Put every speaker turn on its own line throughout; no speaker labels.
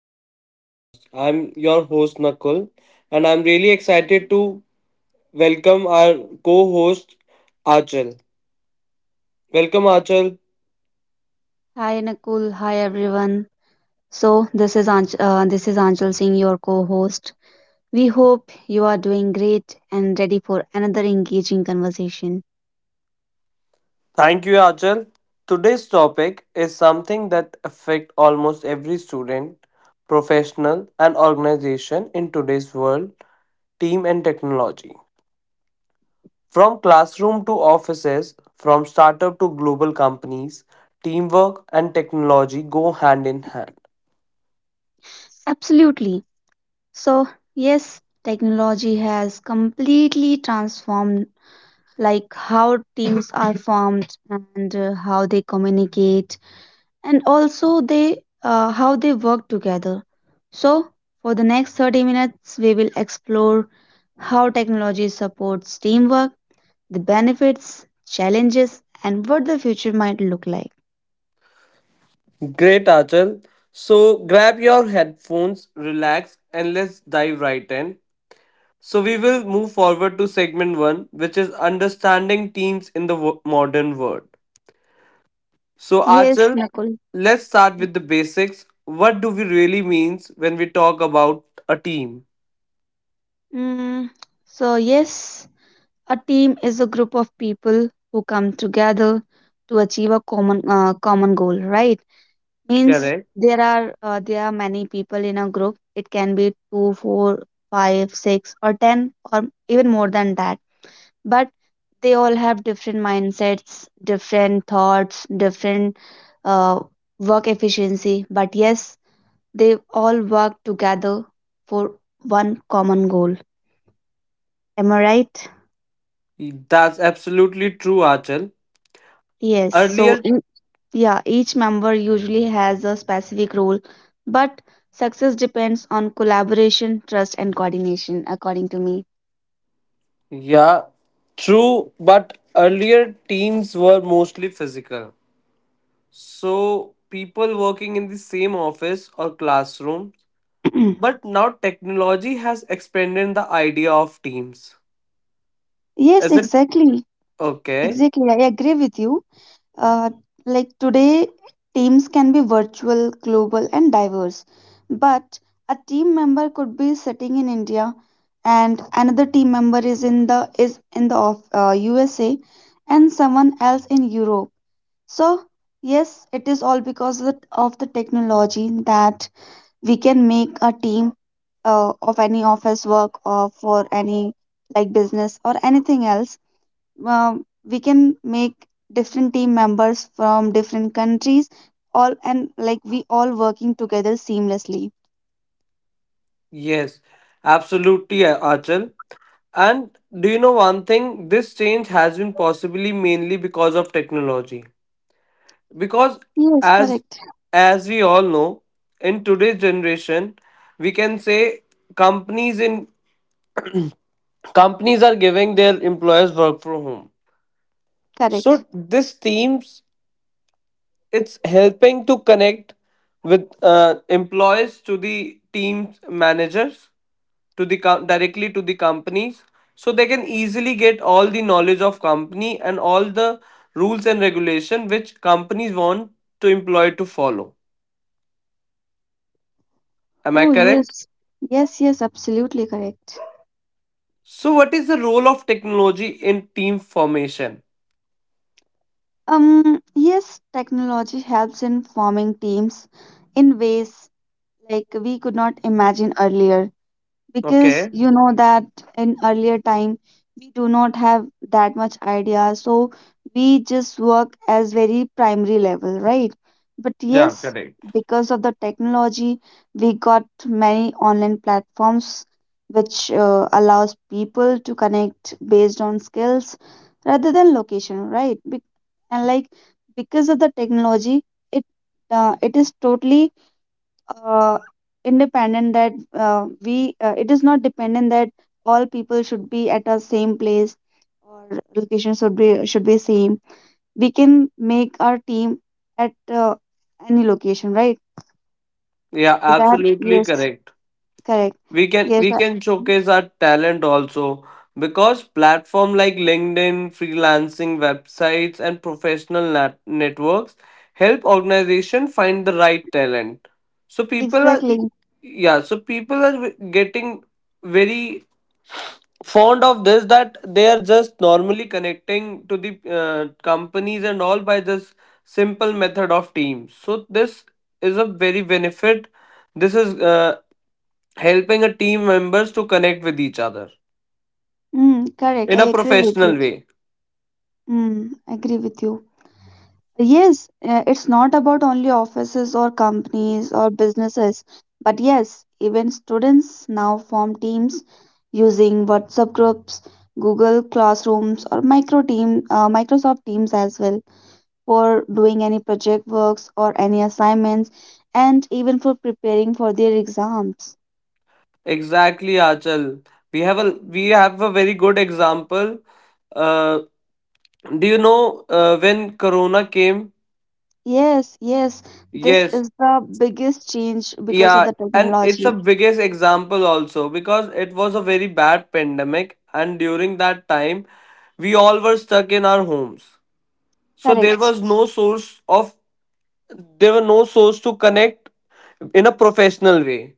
back to our podcast. I'm your host, Nakul, and I'm really excited to welcome our co host, Achal. Welcome, Achal.
Hi Nakul, hi everyone. So this is this is Anchal Singh, your co-host. We hope you are doing great and ready for another engaging conversation.
Thank you, Achal. Today's topic is something that affects almost every student, professional, and organization in today's world team and technology. From classroom to offices, from startup to global companies, teamwork and technology go hand in hand.
Absolutely. So yes, technology has completely transformed like how teams are formed and how they communicate and also they how they work together. So for the next 30 minutes, we will explore how technology supports teamwork, the benefits, challenges, and what the future might look like.
Great, Achal. So grab your headphones, relax, and let's dive right in. So we will move forward to segment one, which is understanding teams in the modern world. So
Yes,
Achal,
Nakul.
let's start with the basics. What do we really means when we talk about a team?
Mm, yes, a team is a group of people who come together to achieve a common goal, right? Means
Correct.
there are many people in a group. It can be two, four, five, six, or ten, or even more than that. But they all have different mindsets, different thoughts, different uh, work efficiency. But yes, they all work together for one common goal. Am I right?
That's absolutely true, Achal.
Yes.
Earlier,
Yeah, each member usually has a specific role, but success depends on collaboration, trust, and coordination, according to me.
yeah, true, but earlier teams were mostly physical. So, people working in the same office or classroom, but now technology has expanded the idea of teams.
Yes,
Is it
exactly.
okay?
Exactly. I agree with you. Uh, like today, teams can be virtual, global, and diverse, but a team member could be sitting in India, and another team member is in the USA, and someone else in Europe. So yes, it is all because of of the technology that we can make a team of any office work or for any like business or anything else. We can make different team members from different countries, all and like we all working together seamlessly.
Yes, absolutely, Achal. And do you know one thing? This change has been possibly mainly because of technology. Because
Yes,
as
correct
as we all know, in today's generation, we can say companies in companies are giving their employees work from home.
correct.
So this teams, it's helping to connect with employees to the teams managers to the directly to the companies, so they can easily get all the knowledge of company and all the rules and regulation which companies want to employ to follow. Am I
Oh yes,
correct?
yes, yes, absolutely correct.
So what is the role of technology in team formation?
Yes, technology helps in forming teams in ways like we could not imagine earlier, because
Okay.
you know that in earlier time we do not have that much idea, so we just work as very primary level, right? But
Yeah,
yes,
correct.
because of the technology we got many online platforms which allows people to connect based on skills rather than location, right. And like because of the technology, it it is totally uh, independent that we it is not dependent that all people should be at a same place or location should be same. We can make our team at any location, right?
Yeah,
Is that
absolutely
yes
correct.
correct.
we can
yes
we
I-
can showcase our talent also, because platform like LinkedIn, freelancing websites and professional networks help organization find the right talent. So people are,
exactly.
yeah, so people are getting very fond of this that they are just normally connecting to the companies and all by this simple method of teams. So this is a very benefit. This is helping a team members to connect with each other
Mm, correct,
in
I
a
agree with you.
professional way.
Mm, agree with you. Yes, it's not about only offices or companies or businesses, but yes, even students now form teams using WhatsApp groups, Google Classrooms, or Microsoft Teams as well for doing any project works or any assignments, and even for preparing for their exams.
Exactly, Achal. We have a we have a very good example. uh, do you know when corona came?
Yes, yes, this
Yes.
is the biggest change because of
Yeah,
the
and it's the
technology.
biggest example also because it was a very bad pandemic and during that time we all were stuck in our homes. So there
Correct.
was no source of, there were no source to connect in a professional way.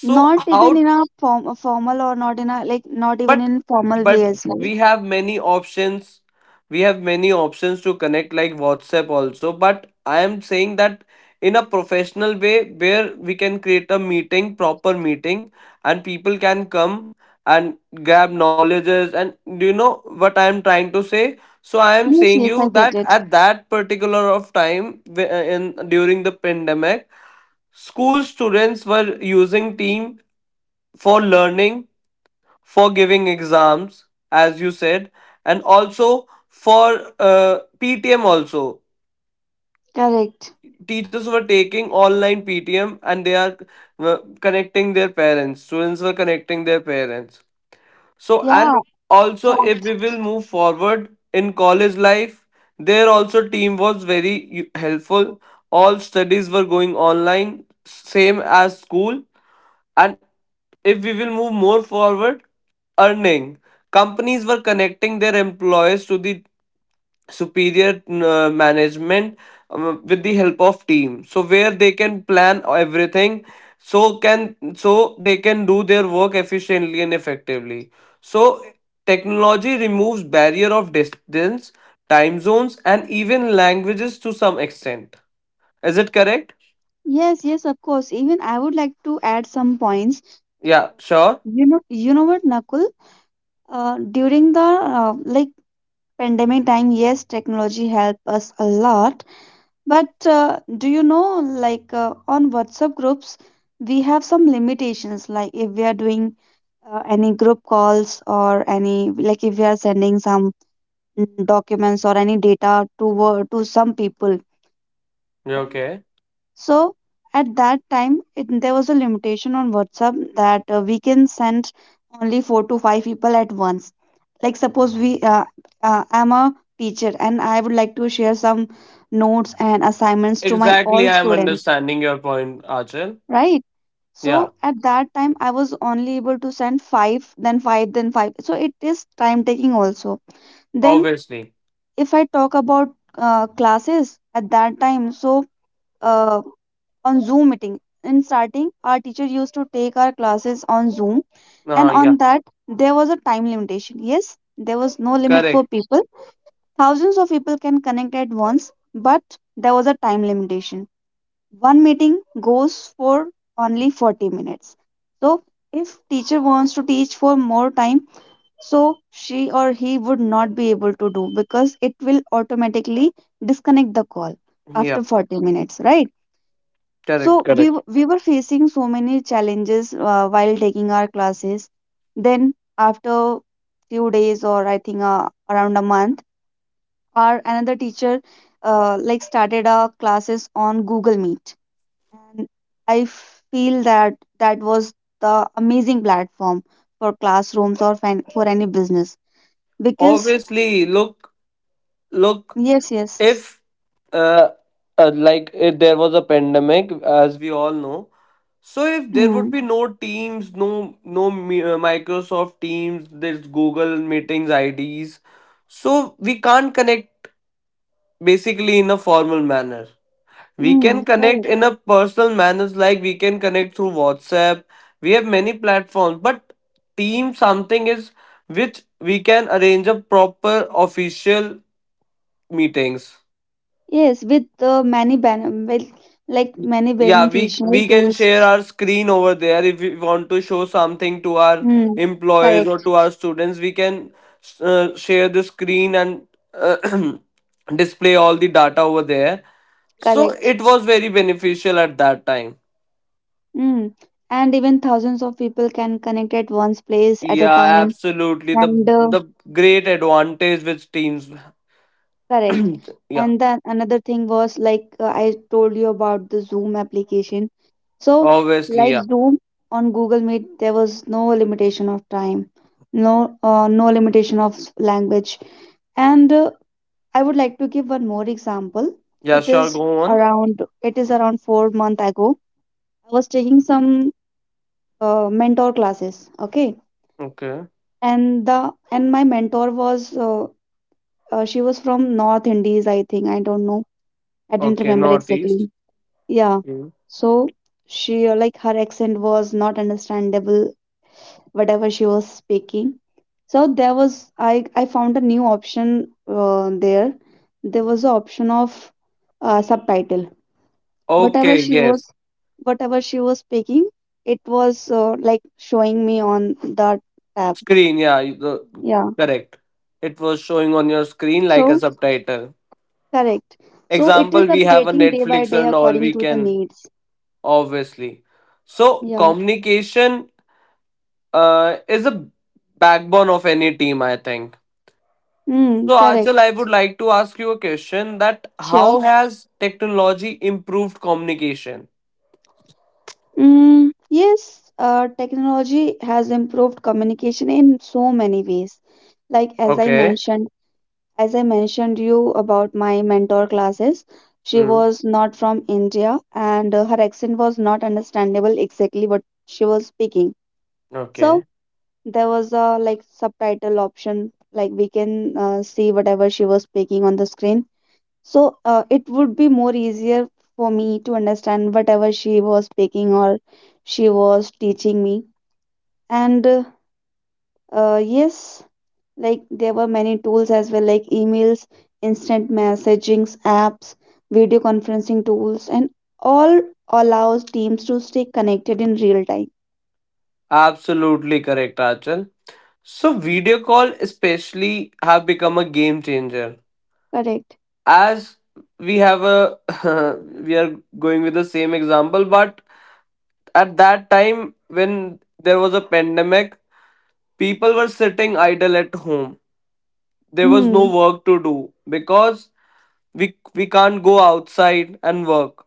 So
Not
how?
even in a form, a formal, or not in a like not even
But
in formal way
but
as well.
we have many options. We have many options to connect, like WhatsApp also, but I am saying that in a professional way where we can create a meeting, proper meeting, and people can come and grab knowledges. And do you know what I am trying to say? So I am
Yes,
saying
yes,
you
I get
that
it.
at that particular of time, in during the pandemic, school students were using team for learning, for giving exams, as you said, and also for PTM also.
Correct.
Teachers were taking online PTM and they are connecting their parents, students were connecting their parents. So and
Yeah,
also if
correct.
we will move forward in college life, there also team was very helpful. All studies were going online, same as school. And if we will move more forward, earning. Companies were connecting their employees to the superior management with the help of team. So where they can plan everything, so can so they can do their work efficiently and effectively. So technology removes barrier of distance, time zones, and even languages to some extent. Is it correct?
Yes, yes, of course. Even I would like to add some points.
Yeah, sure.
You know what, Nakul? During the like pandemic time, yes, technology helped us a lot. But do you know, like on WhatsApp groups, we have some limitations. Like if we are doing any group calls, or any like if we are sending some documents or any data to to some people,
You
right?
okay.
So at that time, there was a limitation on WhatsApp that we can send only four to five people at once. Like suppose we I'm a teacher and I would like to share some notes and assignments to my all
Exactly, I'm
students,
understanding your point, Achal.
right?
Yeah,
So at that time I was only able to send five then five then five, so it is time taking also. Then
obviously.
if I talk about classes at that time, uh, on Zoom meeting, in starting, our teacher used to take our classes on Zoom, and
Yeah,
on that, there was a time limitation. Yes, there was no limit for
correct.
people. Thousands of people can connect at once, but there was a time limitation. One meeting goes for only 40 minutes. So, if teacher wants to teach for more time, so she or he would not be able to do, because it will automatically disconnect the call
Yeah,
after 40 minutes, right?
correct,
So
correct.
we were facing so many challenges while taking our classes. Then after few days, or I think around a month, our another teacher like started our classes on Google Meet, and I feel that that was the amazing platform for classrooms or for any business, because
Obviously, look, look,
yes, yes.
if uh, like if there was a pandemic, as we all know, so if there would
Mm.
be no Teams, no no Microsoft Teams, there's Google Meetings IDs, so we can't connect basically in a formal manner. We
Mm.
can connect
Right.
in a personal manner, like we can connect through WhatsApp. We have many platforms, but team something is which we can arrange a proper official meetings.
Yes, with many ben with like many
Yeah, we
beneficial
we can
tools.
share our screen over there if we want to show something to our
Mm.
employees or
Correct,
to our students. We can share the screen and uh, display all the data over there. So
correct.
it was very beneficial at that time.
Mm. And even thousands of people can connect at one's place at a
Yeah,
time.
absolutely. The
And
the great advantage which teams.
correct.
Yeah,
And then another thing was like I told you about the Zoom application. So
obviously,
like
yeah.
Zoom, on Google Meet, there was no limitation of time, no no limitation of language, and I would like to give one more example.
Yeah,
It
sure,
is
go on.
it is around 4 month ago. I was taking some mentor classes, okay?
Okay.
And the and my mentor was she was from North Indies, I think. I don't know. I didn't
Okay,
remember
northeast.
exactly. Yeah.
Mm.
So she like her accent was not understandable whatever she was speaking. So there was I found a new option there. There was an option of subtitle, whatever
Okay,
she was,
yes.
whatever she was picking, it was like showing me on the tab,
Screen, yeah, the,
yeah.
correct. It was showing on your screen like a
So
subtitle.
correct. So it is
Example, we have a
upgrading day by
Netflix
day
and all
according
we
to the
can,
needs,
obviously. So
yeah.
communication is a backbone of any team, I think.
Mm,
So, Achal,
correct.
I would like to ask you a question that
Sure.
how has technology improved communication?
Mm, yes, technology has improved communication in so many ways, like as I
Okay.
mentioned. As I mentioned you about my mentor classes, she
Mm,
was not from India and her accent was not understandable exactly what she was speaking. So
okay.
there was a like subtitle option, like we can see whatever she was speaking on the screen. So it would be more easier for me to understand whatever she was speaking, or she was teaching me. And yes, like there were many tools as well, like emails, instant messagings apps, video conferencing tools, and all allows teams to stay connected in real time.
Absolutely correct, Achal. So, video call especially have become a game changer.
Correct.
As we have a, we are going with the same example, but at that time when there was a pandemic, people were sitting idle at home. There was no
Hmm,
work to do because we can't go outside and work.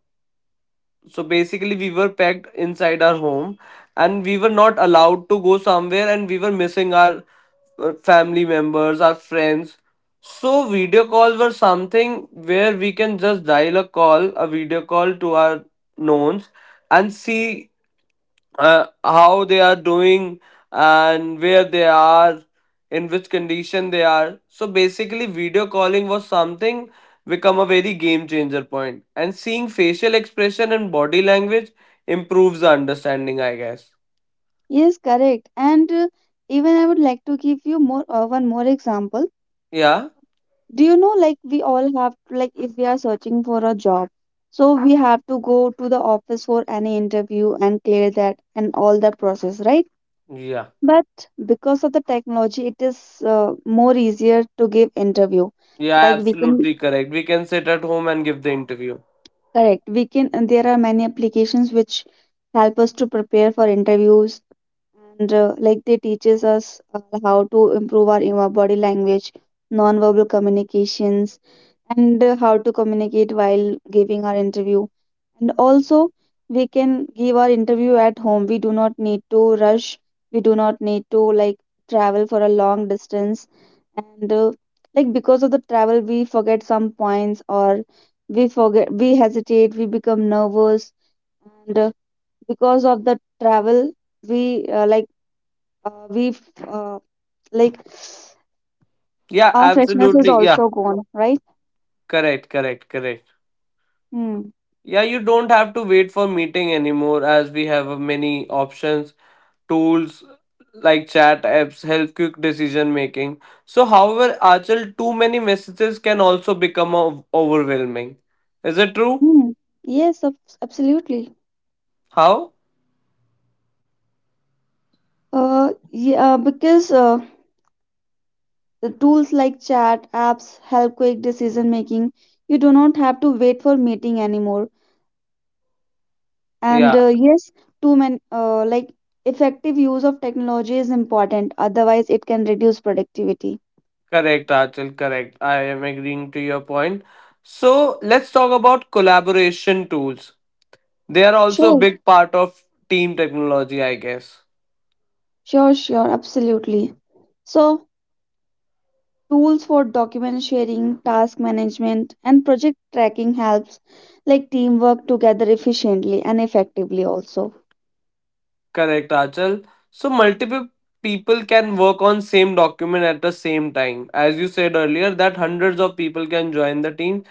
So basically we were packed inside our home and we were not allowed to go somewhere, and we were missing our family members, our friends. So video calls were something where we can just dial a call, a video call, to our knowns and see how they are doing and where they are, in which condition they are. So basically video calling was something become a very game changer point, and seeing facial expression and body language improves the understanding, I guess.
yes, correct. And even I would like to give you more one more example.
Yeah,
Do you know, like we all have to, like if we are searching for a job, so we have to go to the office for any interview and clear that and all the process, right?
yeah,
But because of the technology it is more easier to give interview,
yeah,
like we can.
absolutely correct. We can sit at home and give the interview.
Correct, we can. And there are many applications which help us to prepare for interviews, and like they teaches us how to improve our body language, non-verbal communications, and how to communicate while giving our interview. And also, we can give our interview at home. We do not need to rush. We do not need to like travel for a long distance. And like because of the travel, we forget some points, or we forget, we hesitate, we become nervous. And because of the travel, we like, we uh, like
Yeah,
our freshness is
absolutely, yeah.
also gone, right?
Correct, correct, correct.
Hmm.
Yeah, you don't have to wait for meeting anymore, as we have many options, tools like chat apps help quick decision making. So, however, Achal, too many messages can also become overwhelming. Is it true?
Hmm. Yes, absolutely.
How?
Yeah, because the tools like chat apps help quick decision making. You do not have to wait for meeting anymore. And
Yeah,
yes, too many like effective use of technology is important. Otherwise, it can reduce productivity.
correct, Achal, correct. I am agreeing to your point. So, let's talk about collaboration tools. They are also a
Sure,
big part of team technology, I guess.
sure, sure, absolutely. So tools for document sharing, task management, and project tracking helps like teamwork together efficiently and effectively also.
Correct, Achal. So, multiple people can work on same document at the same time, as you said earlier that hundreds of people can join the team.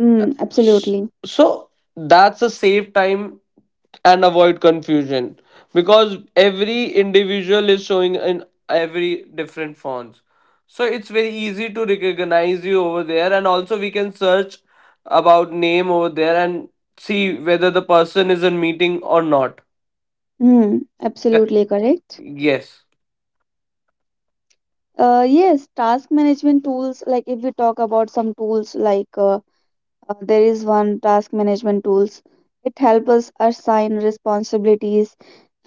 Mm,
S-
absolutely.
So that's a save time and avoid confusion, because every individual is showing in every different fonts. So it's very easy to recognize you over there, and also we can search about name over there and see whether the person is in meeting or not.
Hmm,
Cor-
absolutely correct.
Yes.
Yes, task management tools, like if we talk about some tools, like there is one task management tools, it helps us assign responsibilities,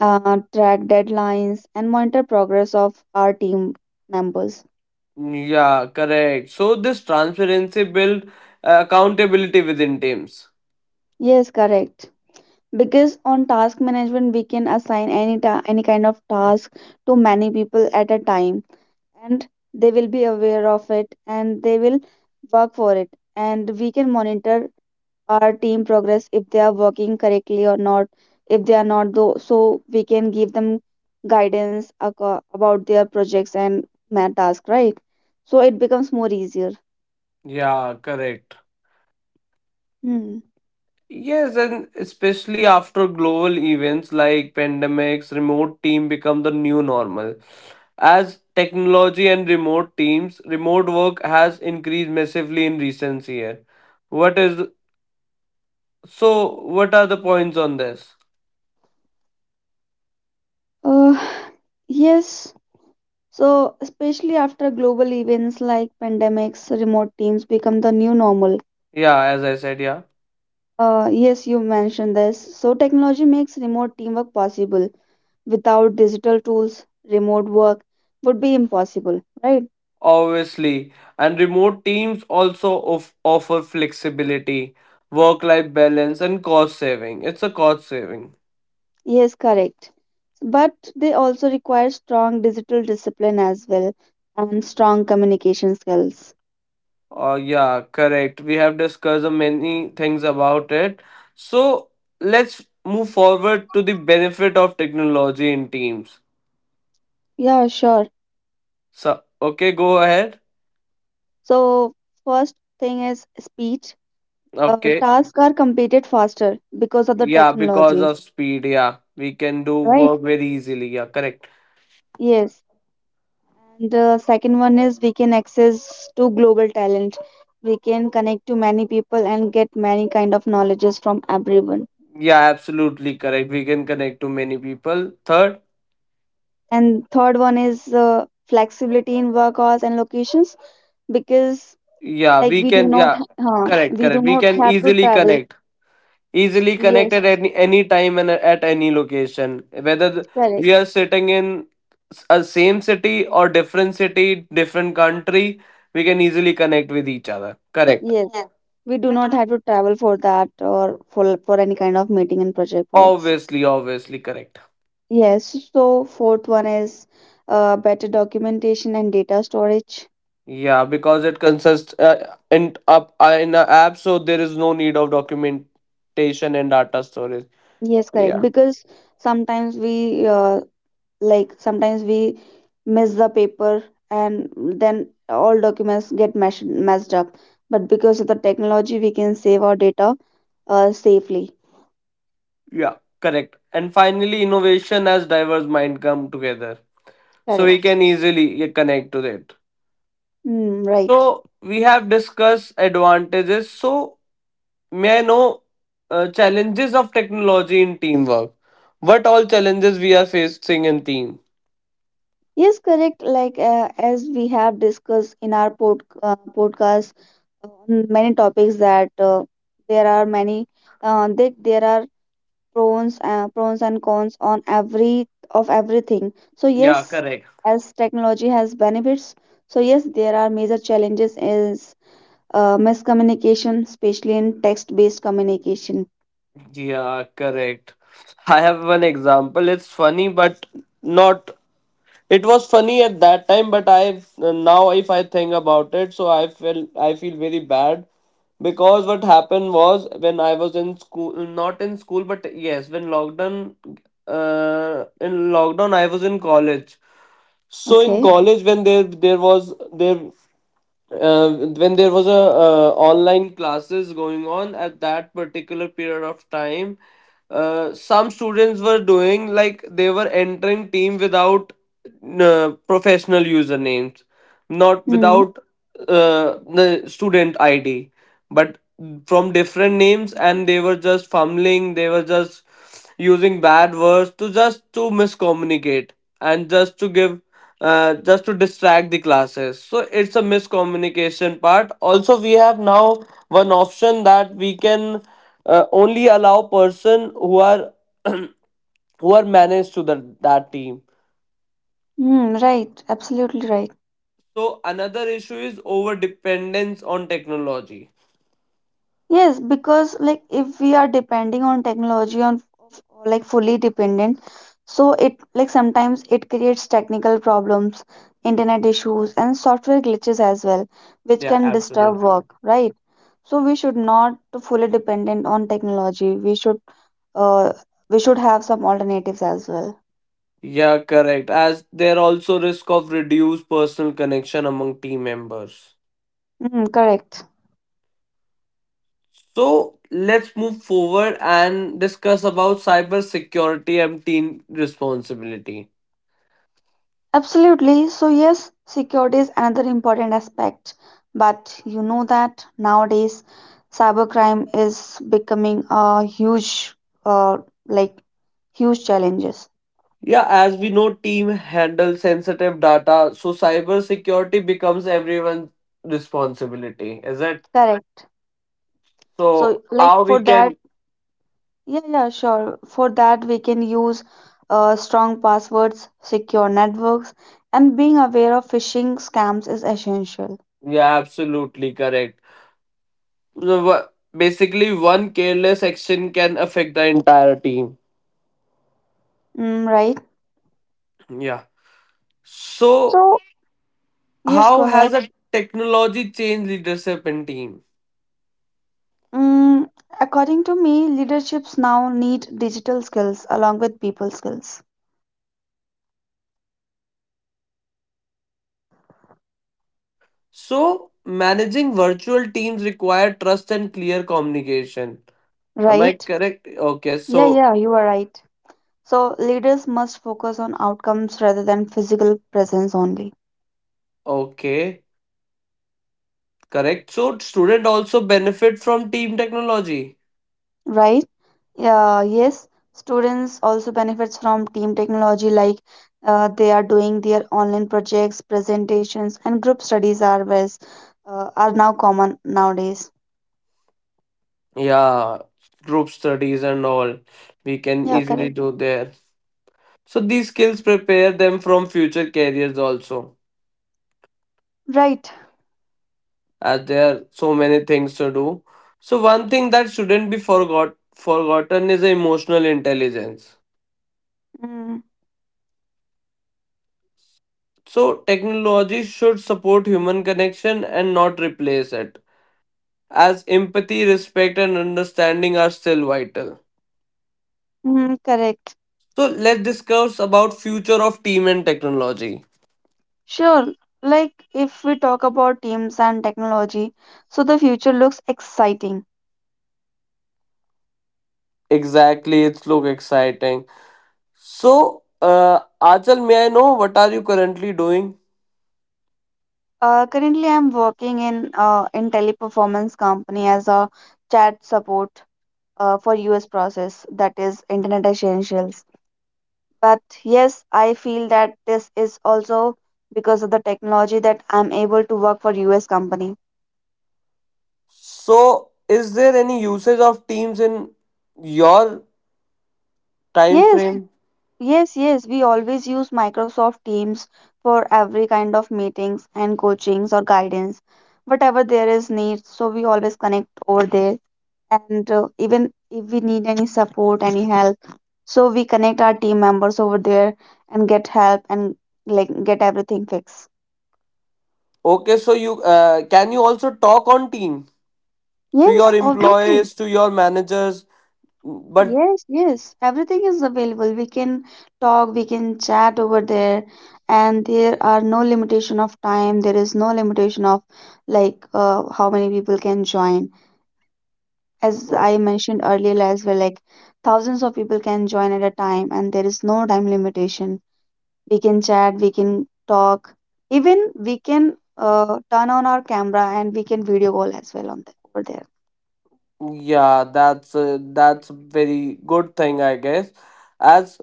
track deadlines, and monitor progress of our team members.
Yeah, correct. So this transparency build accountability within teams.
Yes, correct. Because on task management, we can assign any kind of task to many people at a time, and they will be aware of it and they will work for it, and we can monitor our team progress if they are working correctly or not. If they are not though, so we can give them guidance about their projects and math task, right? So it becomes more easier.
Yeah, correct.
Hmm.
Yes, and especially after global events like pandemics, remote team become the new normal. As technology and remote teams, remote work has increased massively in recent year. What is, so? What are the points on this?
uh, yes, so especially after global events like pandemics, remote teams become the new normal.
Yeah, as I said, yeah,
Yes, you mentioned this. So, technology makes remote teamwork possible. Without digital tools, remote work would be impossible, right?
obviously, and remote teams also of, offer flexibility, work-life balance, and cost saving. It's a cost saving.
Yes, correct. But they also require strong digital discipline as well, and strong communication skills.
Yeah, correct. We have discussed many things about it. So let's move forward to the benefit of technology in teams.
Yeah, sure.
So, okay, go ahead.
So, first thing is speed.
Okay.
Tasks are completed faster because of the
Yeah, because
technology,
of speed, yeah. We can do
right?
work very easily. Yeah, correct.
Yes. And second one is we can access to global talent. We can connect to many people and get many kind of knowledges from everyone.
Yeah, absolutely correct. We can connect to many people. Third,
And third one is flexibility in work hours and locations because
yeah, we can, yeah, correct,
we do
correct. We
not
can
have to
easily
travel.
connect. Easily
Yes,
connected any time and at any location, whether we
correct.
are sitting in a same city or different city, different country, we can easily connect with each other, correct.
Yes, we do not have to travel for that or for any kind of meeting and project works.
Obviously, obviously correct.
Yes, so fourth one is better documentation and data storage.
Yeah, because it consists in up in an app, so there is no need of documentation and data storage.
Yes, correct.
Yeah,
Because sometimes we like sometimes we miss the paper and then all documents get mashed messed up. But because of the technology, we can save our data safely.
yeah correct. And finally innovation as diverse mind come together, so we can
Correct.
easily, yeah, connect to it.
Hmm. Right.
So we have discussed advantages. So may I know challenges of technology in teamwork? What all challenges we are facing in team?
Yes, correct. Like as we have discussed in our podcast, on many topics that there are many. There are pros and cons on every of everything. So
Yeah,
yes,
correct.
as technology has benefits, so yes, there are major challenges is miscommunication, especially in text based communication.
Yeah, correct. I have one example. It's funny, but not. It was funny at that time, but I now if I think about it, so I feel very bad, because what happened was when I was in school, not in school but yes when lockdown, in lockdown I was in college. So in
Okay.
college when there was there when there was a online classes going on at that particular period of time, some students were doing like they were entering team without professional usernames, not
Hmm.
without the student ID, but from different names and they were just fumbling, they were just using bad words to just to miscommunicate and just to give, just to distract the classes. So it's a miscommunication part. Also, we have now one option that we can only allow person who are who are managed to the, that team.
Hmm, right, absolutely right.
So another issue is over dependence on technology.
Yes, because like if we are depending on technology, like fully dependent, so it like sometimes it creates technical problems, internet issues, and software glitches as well, which
Yeah,
can disturb
absolutely, ma'am.
work, right? So we should not to fully dependent on technology. Uh we should have some alternatives as well.
Yeah, correct. As there also risk of reduced personal connection among team members.
Mm, correct.
So let's move forward and discuss about cybersecurity and team responsibility.
Absolutely. So yes, security is another important aspect. But you know that nowadays cybercrime is becoming a huge, uh, like, huge challenges.
Yeah, as we know, team handle sensitive data, so cybersecurity becomes everyone's responsibility, is it?
Correct.
So
So like,
how we
for that,
can?
yeah, yeah, sure. For that, we can use strong passwords, secure networks, and being aware of phishing scams is essential.
Yeah, absolutely correct. So basically, one careless action can affect the entire team.
Mm, right?
Yeah. So
So, yes, go
how has
ahead.
a technology changed leadership in team?
Mm, according to me, leaderships now need digital skills along with people skills,
So, managing virtual teams require trust and clear communication. Am I
right?
correct? Okay,
Yeah,
so,
yeah, you are right. So, leaders must focus on outcomes rather than physical presence only,
okay, correct. So, student also benefit from team technology.
right? Yeah, yes, students also benefits from team technology, like they are doing their online projects, presentations, and group studies are now common nowadays.
Yeah, group studies and all. We can
Yeah,
easily
correct.
do there. So, these skills prepare them from future careers also,
Right.
as there are so many things to do. So, one thing that shouldn't be forgotten is emotional intelligence.
Mm,
So, technology should support human connection and not replace it, as empathy, respect, and understanding are still vital.
mm, correct.
So, let's discuss about future of team and technology.
Sure, like if we talk about teams and technology, so the future looks exciting.
Exactly, it's look exciting. So, Achal, may I know what are you currently doing?
Currently, I'm working in teleperformance company as a chat support for US process, that is Internet Essentials. But yes, I feel that this is also because of the technology that I'm able to work for US company.
So, is there any usage of teams in your time
Yes.
frame?
Yes, yes, we always use Microsoft Teams for every kind of meetings and coachings or guidance, whatever there is need. So we always connect over there. And even if we need any support, any help, so we connect our team members over there and get help and like get everything fixed.
Okay, so you can you also talk on team to your
Yes, obviously.
employees, to your managers? But,
Yes, yes, everything is available. We can talk, we can chat over there, and there are no limitation of time. There is no limitation of how many people can join. As
no.
I mentioned earlier as well, like thousands of people can join at a time, and there is no time limitation. We can chat, we can talk, even we can turn on our camera and we can video call as well on over there.
Yeah, that's a very good thing, I guess. As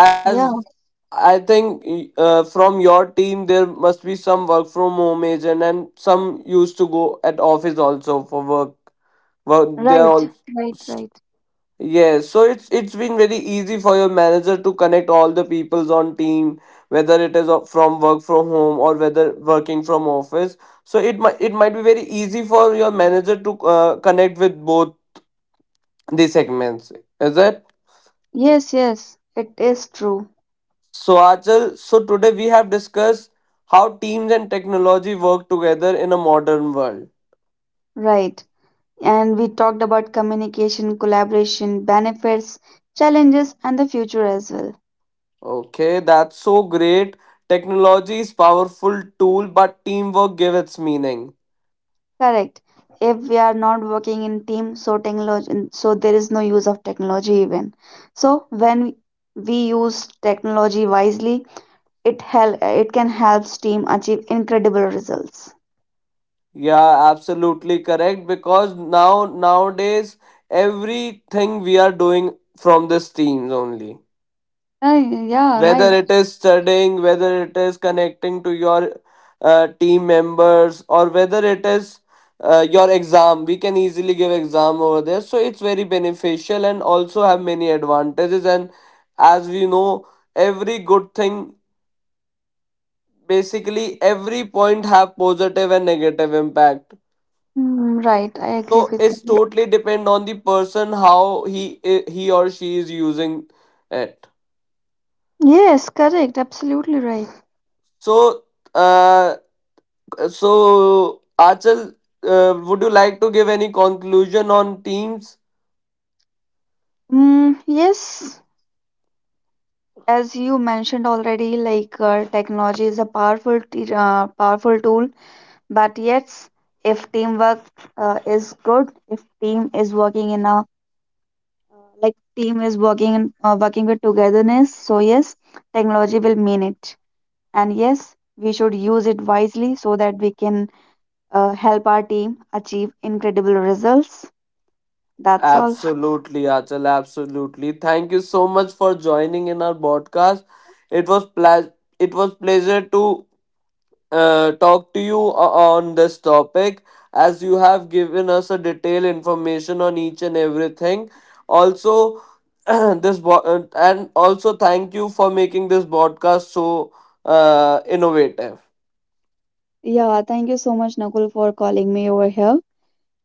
as
Yeah,
I think from your team there must be some work from home agent and some used to go at office also for work. Well, they are
right,
all
right, right.
yes. So it's been very easy for your manager to connect all the peoples on team, whether it is from work from home or whether working from office. So it might be very easy for your manager to connect with both the segments. Is it?
Yes, yes, it is true.
So Achal, so today we have discussed how teams and technology work together in a modern world.
Right. And we talked about communication, collaboration, benefits, challenges, and the future as well.
Okay, that's so great. Technology is powerful tool, but teamwork give its meaning.
Correct. If we are not working in team, so technology, so there is no use of technology even. So when we use technology wisely, it can help team achieve incredible results.
Yeah, absolutely correct. Because now nowadays everything we are doing from this teams only,
Right, yeah,
whether
right.
it is studying, whether it is connecting to your team members, or whether it is your exam, we can easily give exam over there. So it's very beneficial and also have many advantages. And as we know, every good thing, basically every point have positive and negative impact.
Mm, right, I agree
So
with
it's
you.
totally depend on the person how he or she is using it.
Yes, correct. Absolutely right.
So uh, so, Achal, would you like to give any conclusion on teams?
Mm, yes, as you mentioned already, like technology is a powerful tool, but yes, if teamwork is good, if team is working in a like team is working in, working with togetherness, so yes, technology will mean it. And yes, we should use it wisely so that we can help our team achieve incredible results. That's all.
Absolutely, Achal, absolutely. Thank you so much for joining in our podcast. It was it was pleasure to talk to you on this topic, as you have given us a detailed information on each and everything. Also, this and also thank you for making this podcast so innovative.
Yeah, thank you so much, Nakul, for calling me over here.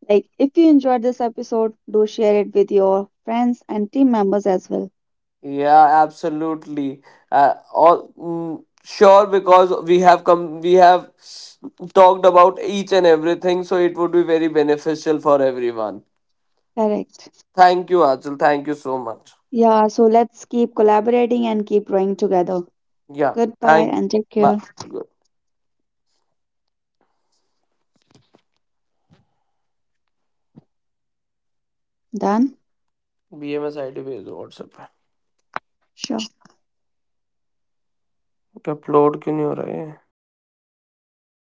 Like, if you enjoyed this episode, do share it with your friends and team members as well.
Yeah, absolutely. All mm, sure because we have talked about each and everything, so it would be very beneficial for everyone.
Correct.
Thank you, Achal. Thank you so much.
Yeah, so let's keep collaborating and keep growing together.
Yeah,
Goodbye
thank.
and take care.
Bye.
Done?
BMS ID भेज दो WhatsApp पे
Sure.
क्या upload क्यों नहीं हो रहा है ये?
अपना